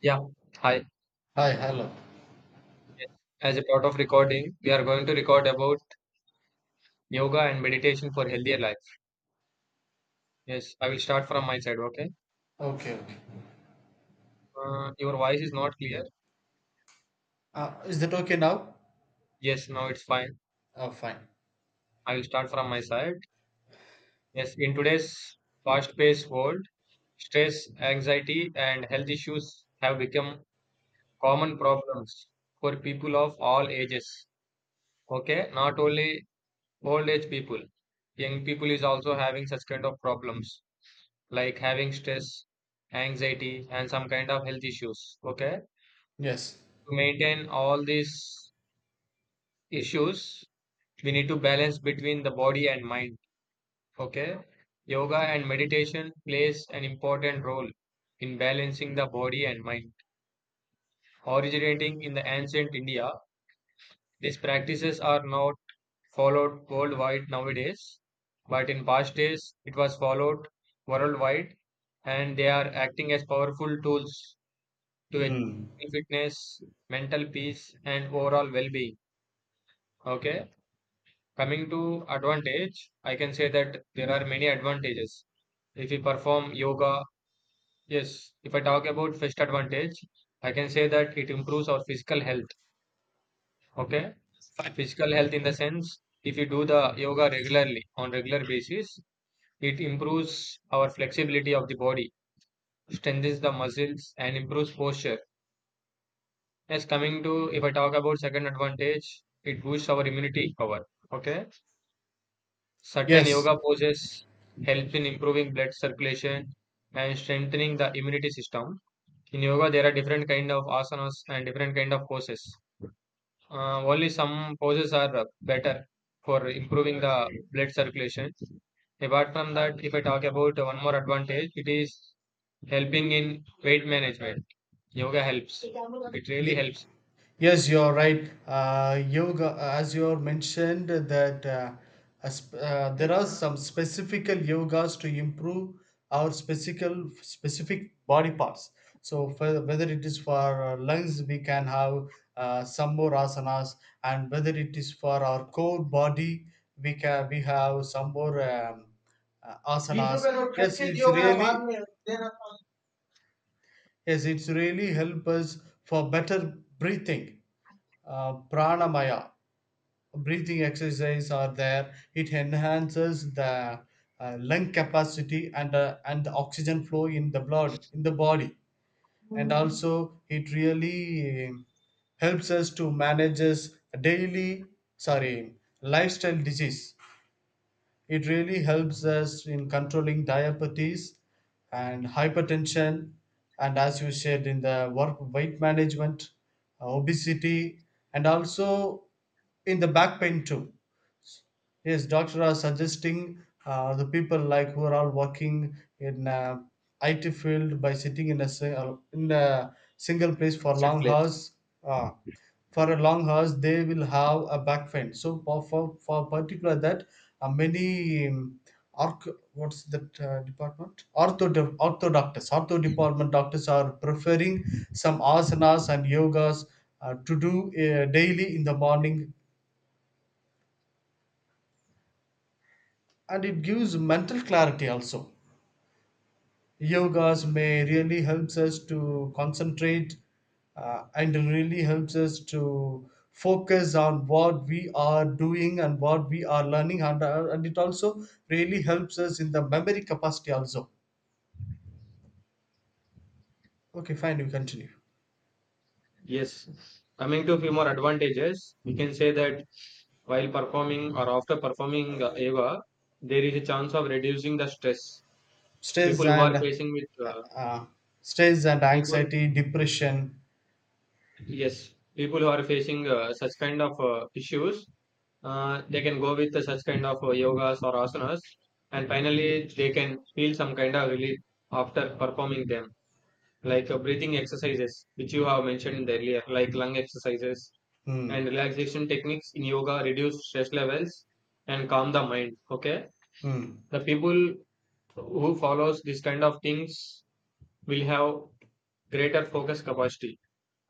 Yeah, hi. Hi, hello. Yes. As a part of recording, we are going to record about yoga and meditation for healthier life. Yes, I will start from my side, okay? Okay, okay. Your voice is not clear. Is that okay now? Yes, now it's fine. Oh, fine. I will start from my side. Yes, in today's fast-paced world, stress, anxiety, and health issues have become common problems for people of all ages. Okay, not only old age people, young people is also having such kind of problems. Like having stress, anxiety, and some kind of health issues. Okay. Yes. To maintain all these issues, we need to balance between the body and mind. Okay. Yoga and meditation plays an important role in balancing the body and mind. Originating in the ancient India, these practices are not followed worldwide nowadays, but in past days it was followed worldwide and they are acting as powerful tools to Hmm. physical fitness, mental peace, and overall well being. Okay, coming to advantage, I can say that there are many advantages. If we perform yoga, yes, if I talk about first advantage, I can say that it improves our physical health. Okay, Fine. physical health in the sense if you do the yoga regularly on regular basis, it improves our flexibility of the body, strengthens the muscles, and improves posture. Yes, coming to if I talk about second advantage, it boosts our immunity power. Okay. Certain Yes. yoga poses help in improving blood circulation and strengthening the immunity system. In yoga, there are different kind of asanas and different kind of poses. Only some poses are better for improving the blood circulation. Apart from that, if I talk about one more advantage, it is helping in weight management. Yoga helps. It really Ye- helps Yes, you're right. Yoga, as you mentioned, that there are some specific yogas to improve our specific body parts. So for, whether it is for our lungs, we can have some more asanas, and whether it is for our core body, we have some more बीस asanas. रुपए note Yes, खटके it's दियोगे ना बाद really में देना था। yes, it's really help us for better breathing. Pranamaya breathing exercise are there. It enhances the lung capacity and the oxygen flow in the blood in the body, and also it really helps us to manage us daily, sorry, lifestyle disease. It really helps us in controlling diabetes and hypertension, and as you said, in the work weight management, obesity, and also in the back pain too. Yes, doctor are suggesting the people like who are all working in IT field by sitting in in a single place for Fixed long place. hours. Uh, for a long hours they will have a back pain, so for particular that many arch, what's that department, ortho department doctors are preferring some asanas and yogas to do daily in the morning, and it gives mental clarity also. Yogas may really helps us to concentrate and really helps us to focus on what we are doing and what we are learning, and it also really helps us in the memory capacity also. Okay, fine, you continue. Yes. Coming to a few more advantages, we can say that while performing or after performing yoga, there is a chance of reducing the stress. stress People who are and facing with uh, uh, stress and people, anxiety depression. yes, people who are facing such kind of issues, they can go with such kind of yogas or asanas, and finally they can feel some kind of relief after performing them. Like breathing exercises, which you have mentioned in the earlier, like lung exercises and Mm, relaxation techniques in yoga reduce stress levels and calm the mind. Okay, mm, the people who follows this kind of things will have greater focus capacity.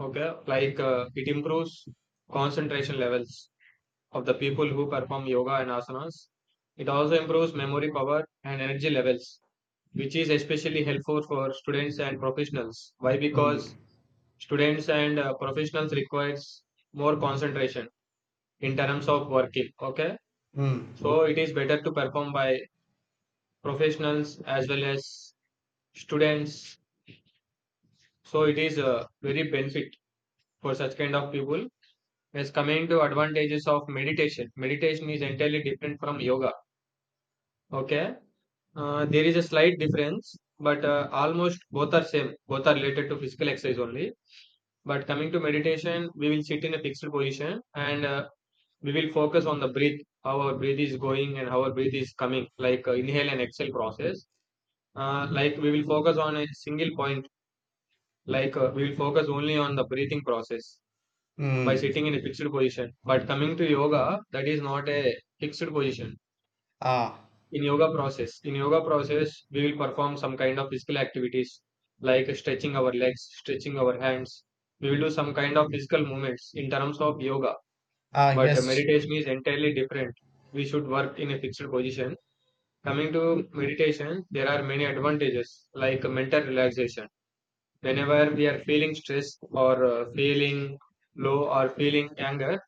Okay, like it improves concentration levels of the people who perform yoga and asanas. It also improves memory power and energy levels, which is especially helpful for students and professionals. Why? mm, Because students and professionals requires more concentration in terms of working. Okay, mm, so it is better to perform by professionals as well as students. So it is very benefit for such kind of people. As coming to advantages of meditation, meditation is entirely different from yoga. Okay, there is a slight difference, but almost both are same. Both are related to physical exercise only. But coming to meditation, we will sit in a fixed position and we will focus on the breath, how our breath is going and how our breath is coming, like inhale and exhale process. Like we will focus on a single point, like we will focus only on the breathing process by mm. sitting in a fixed position. But coming to yoga, that is not a fixed position. Ah. In yoga process, we will perform some kind of physical activities, like stretching our legs, stretching our hands. We will do some kind of physical movements in terms of yoga. Ah, But yes. meditation is entirely different. We should work in a fixed position. Coming to meditation, there are many advantages like mental relaxation. Whenever we are feeling stress or feeling low or feeling anger,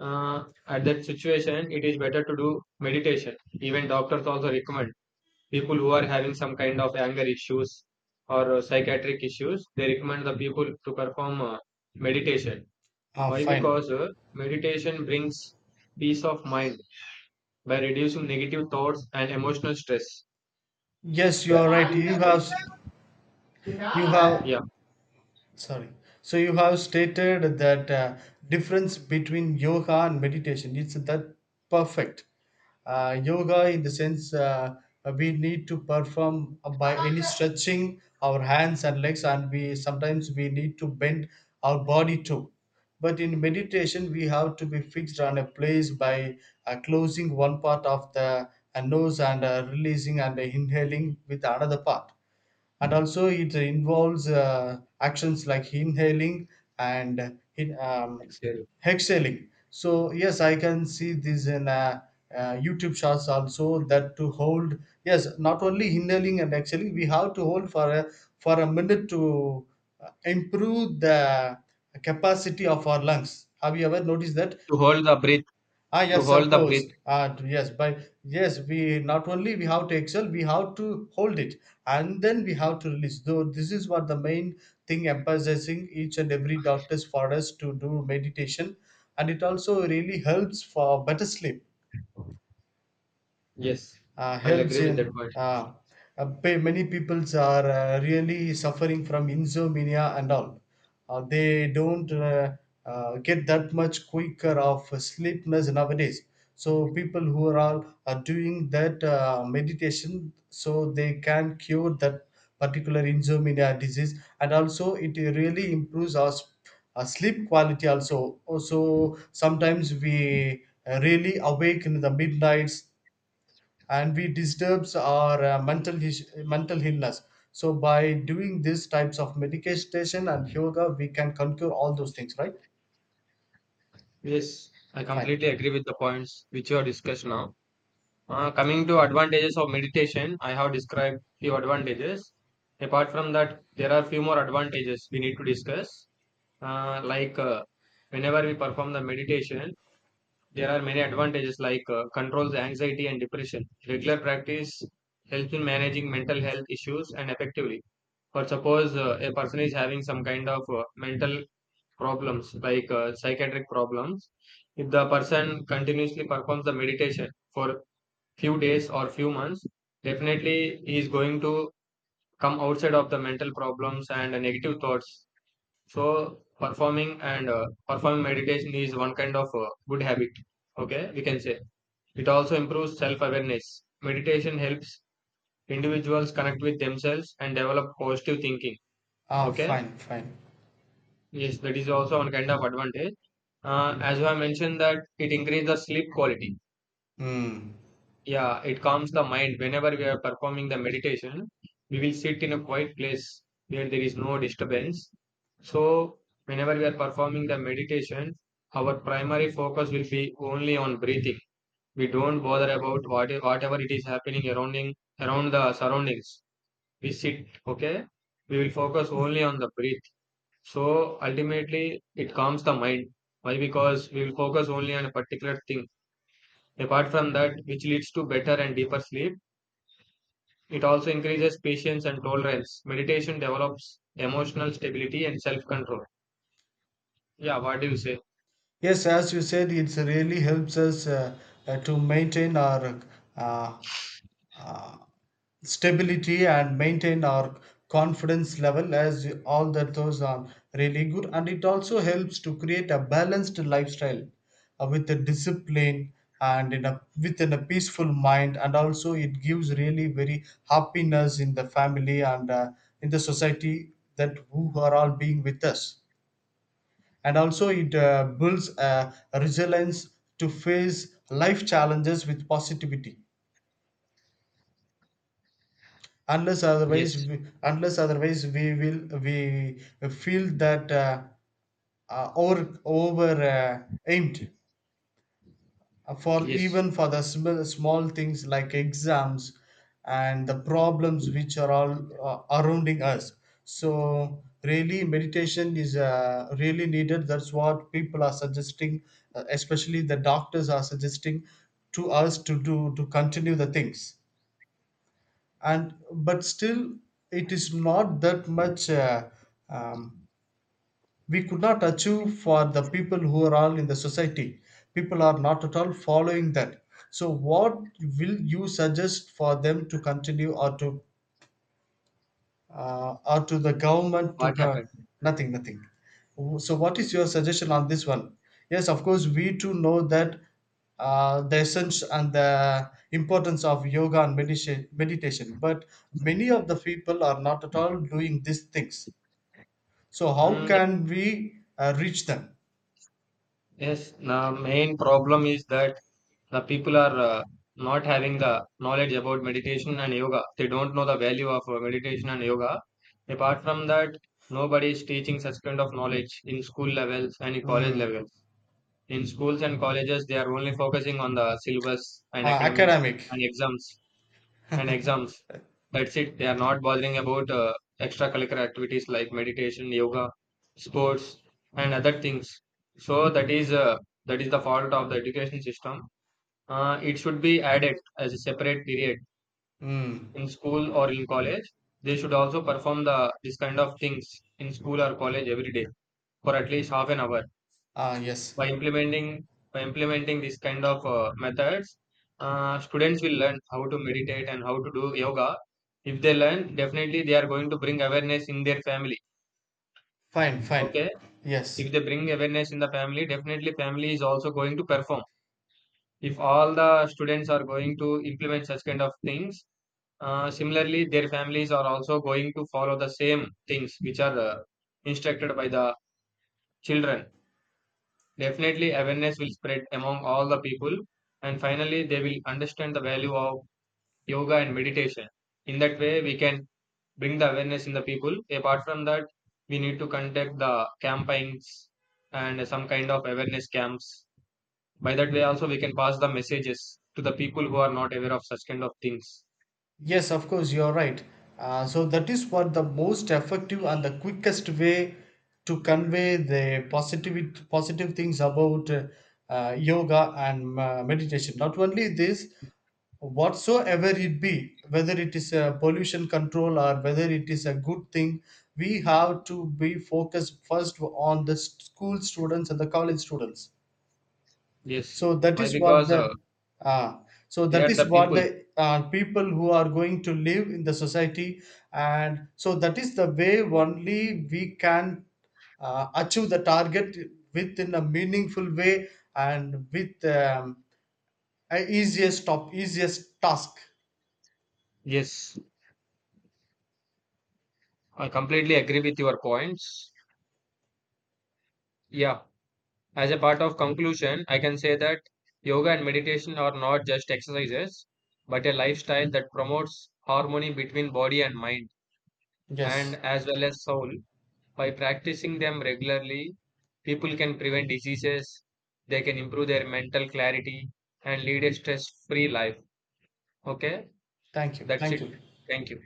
at that situation, it is better to do meditation. Even doctors also recommend people who are having some kind of anger issues or psychiatric issues, they recommend the people to perform meditation. Ah, Why? fine. Because meditation brings peace of mind by reducing negative thoughts and emotional stress. Yes, you are right. you Yeah, have you have sorry. So you have stated that difference between yoga and meditation. It's that perfect. Yoga, in the sense, we need to perform by any stretching our hands and legs, and we sometimes we need to bend our body too. But in meditation, we have to be fixed on a place by closing one part of the nose and releasing and inhaling with another part, and also it involves actions like inhaling and exhaling. So yes, I can see this in YouTube shots also, that to hold. Yes, not only inhaling and exhaling, we have to hold for a minute to improve the capacity of our lungs. Have you ever noticed that? to hold the breath, Ah, to yes, of hold the breath course. Ah, yes, but yes, we not only we have to excel, we have to hold it, and then we have to release. Though this is what the main thing emphasizing each and every doctors for us to do meditation, and it also really helps for better sleep. yes, uh, I will helps agree with in that point. uh, many peoples are really suffering from insomnia and all. They don't get that much quicker of sleepness nowadays. So people who are all are doing that meditation, so they can cure that particular insomnia disease, and also it really improves our sleep quality also. Also sometimes we really awake in the midnights, and we disturbs our mental illness. So by doing these types of meditation and yoga, we can conquer all those things, right? Yes, I Fine. completely agree with the points which you have discussed now. Coming to advantages of meditation, I have described few advantages. Apart from that, there are few more advantages we need to discuss. Uh, like uh, whenever we perform the meditation, there are many advantages like controls anxiety and depression. Regular practice helps in managing mental health issues and effectively. For suppose a person is having some kind of mental problems like psychiatric problems, if the person continuously performs the meditation for few days or few months, definitely he is going to come outside of the mental problems and negative thoughts. So performing and performing meditation is one kind of good habit. Okay, we can say it also improves self-awareness. Meditation helps individuals connect with themselves and develop positive thinking. Ah, Okay, fine, fine. yes, that is also one kind of advantage. As I mentioned, that it increases the sleep quality. Mm. Yeah, it calms the mind. Whenever we are performing the meditation, we will sit in a quiet place where there is no disturbance. So, whenever we are performing the meditation, our primary focus will be only on breathing. We don't bother about whatever it is happening around around the surroundings. We sit, okay? We will focus only on the breath. So, ultimately, it calms the mind. Why? Because we will focus only on a particular thing. Apart from that, which leads to better and deeper sleep, it also increases patience and tolerance. Meditation develops emotional stability and self control. Yeah, what do you say? Yes, as you said, it really helps us to maintain our uh, uh, stability and maintain our confidence level, as all that those are really good. And it also helps to create a balanced lifestyle with a discipline and in a within a peaceful mind, and also it gives really very happiness in the family and in the society that who are all being with us. And also it builds a resilience to face life challenges with positivity. unless otherwise Yes, we, unless otherwise we will we feel that over aimed. For yes. even for the small things like exams and the problems which are all surrounding us. So really meditation is really needed, that's what people are suggesting, especially the doctors are suggesting to us to do, to continue the things. And but still it is not that much um, we could not achieve for the people who are all in the society. People are not at all following that. So, what will you suggest for them to continue or to the government to What co- happened? nothing, nothing? So, what is your suggestion on this one? Yes, of course, we too know that the essence and the importance of yoga and meditation, but many of the people are not at all doing these things. So, how Mm, can we reach them? yes, the main problem is that the people are not having the knowledge about meditation and yoga. They don't know the value of meditation and yoga. Apart from that, nobody is teaching such kind of knowledge in school levels and in college Mm. levels. In schools and colleges, they are only focusing on the syllabus and academics and Academic. exams. and exams. That's it. They are not bothering about extracurricular activities like meditation, yoga, sports, and other things. So that is the fault of the education system. It should be added as a separate period Mm. in school or in college. They should also perform the this kind of things in school or college every day for at least half an hour. Yes. By implementing, this kind of methods, students will learn how to meditate and how to do yoga. If they learn, definitely they are going to bring awareness in their family, Fine, fine. okay? Yes. If they bring awareness in the family, definitely family is also going to perform. If all the students are going to implement such kind of things, similarly their families are also going to follow the same things which are instructed by the children. Definitely, awareness will spread among all the people, and finally, they will understand the value of yoga and meditation. In that way, we can bring the awareness in the people. Apart from that, we need to conduct the campaigns and some kind of awareness camps. By that way, also, we can pass the messages to the people who are not aware of such kind of things. Yes, of course, you're right. So that is what the most effective and the quickest way to convey the positive things about yoga and meditation. Not only this, whatsoever it be, whether it is a pollution control or whether it is a good thing, we have to be focused first on the school students and the college students. Yes. So that Why? is what Because the ah, so they that are is the what people. the people who are going to live in the society, and so that is the way only we can achieve the target within a meaningful way and with a easiest top easiest task. Yes. I completely agree with your points. Yeah. As a part of conclusion, I can say that yoga and meditation are not just exercises, but a lifestyle that promotes harmony between body and mind, and Yes, as well as soul. By practicing them regularly, people can prevent diseases, they can improve their mental clarity, and lead a stress free life. Okay, thank you, that's thank it. you. Thank you.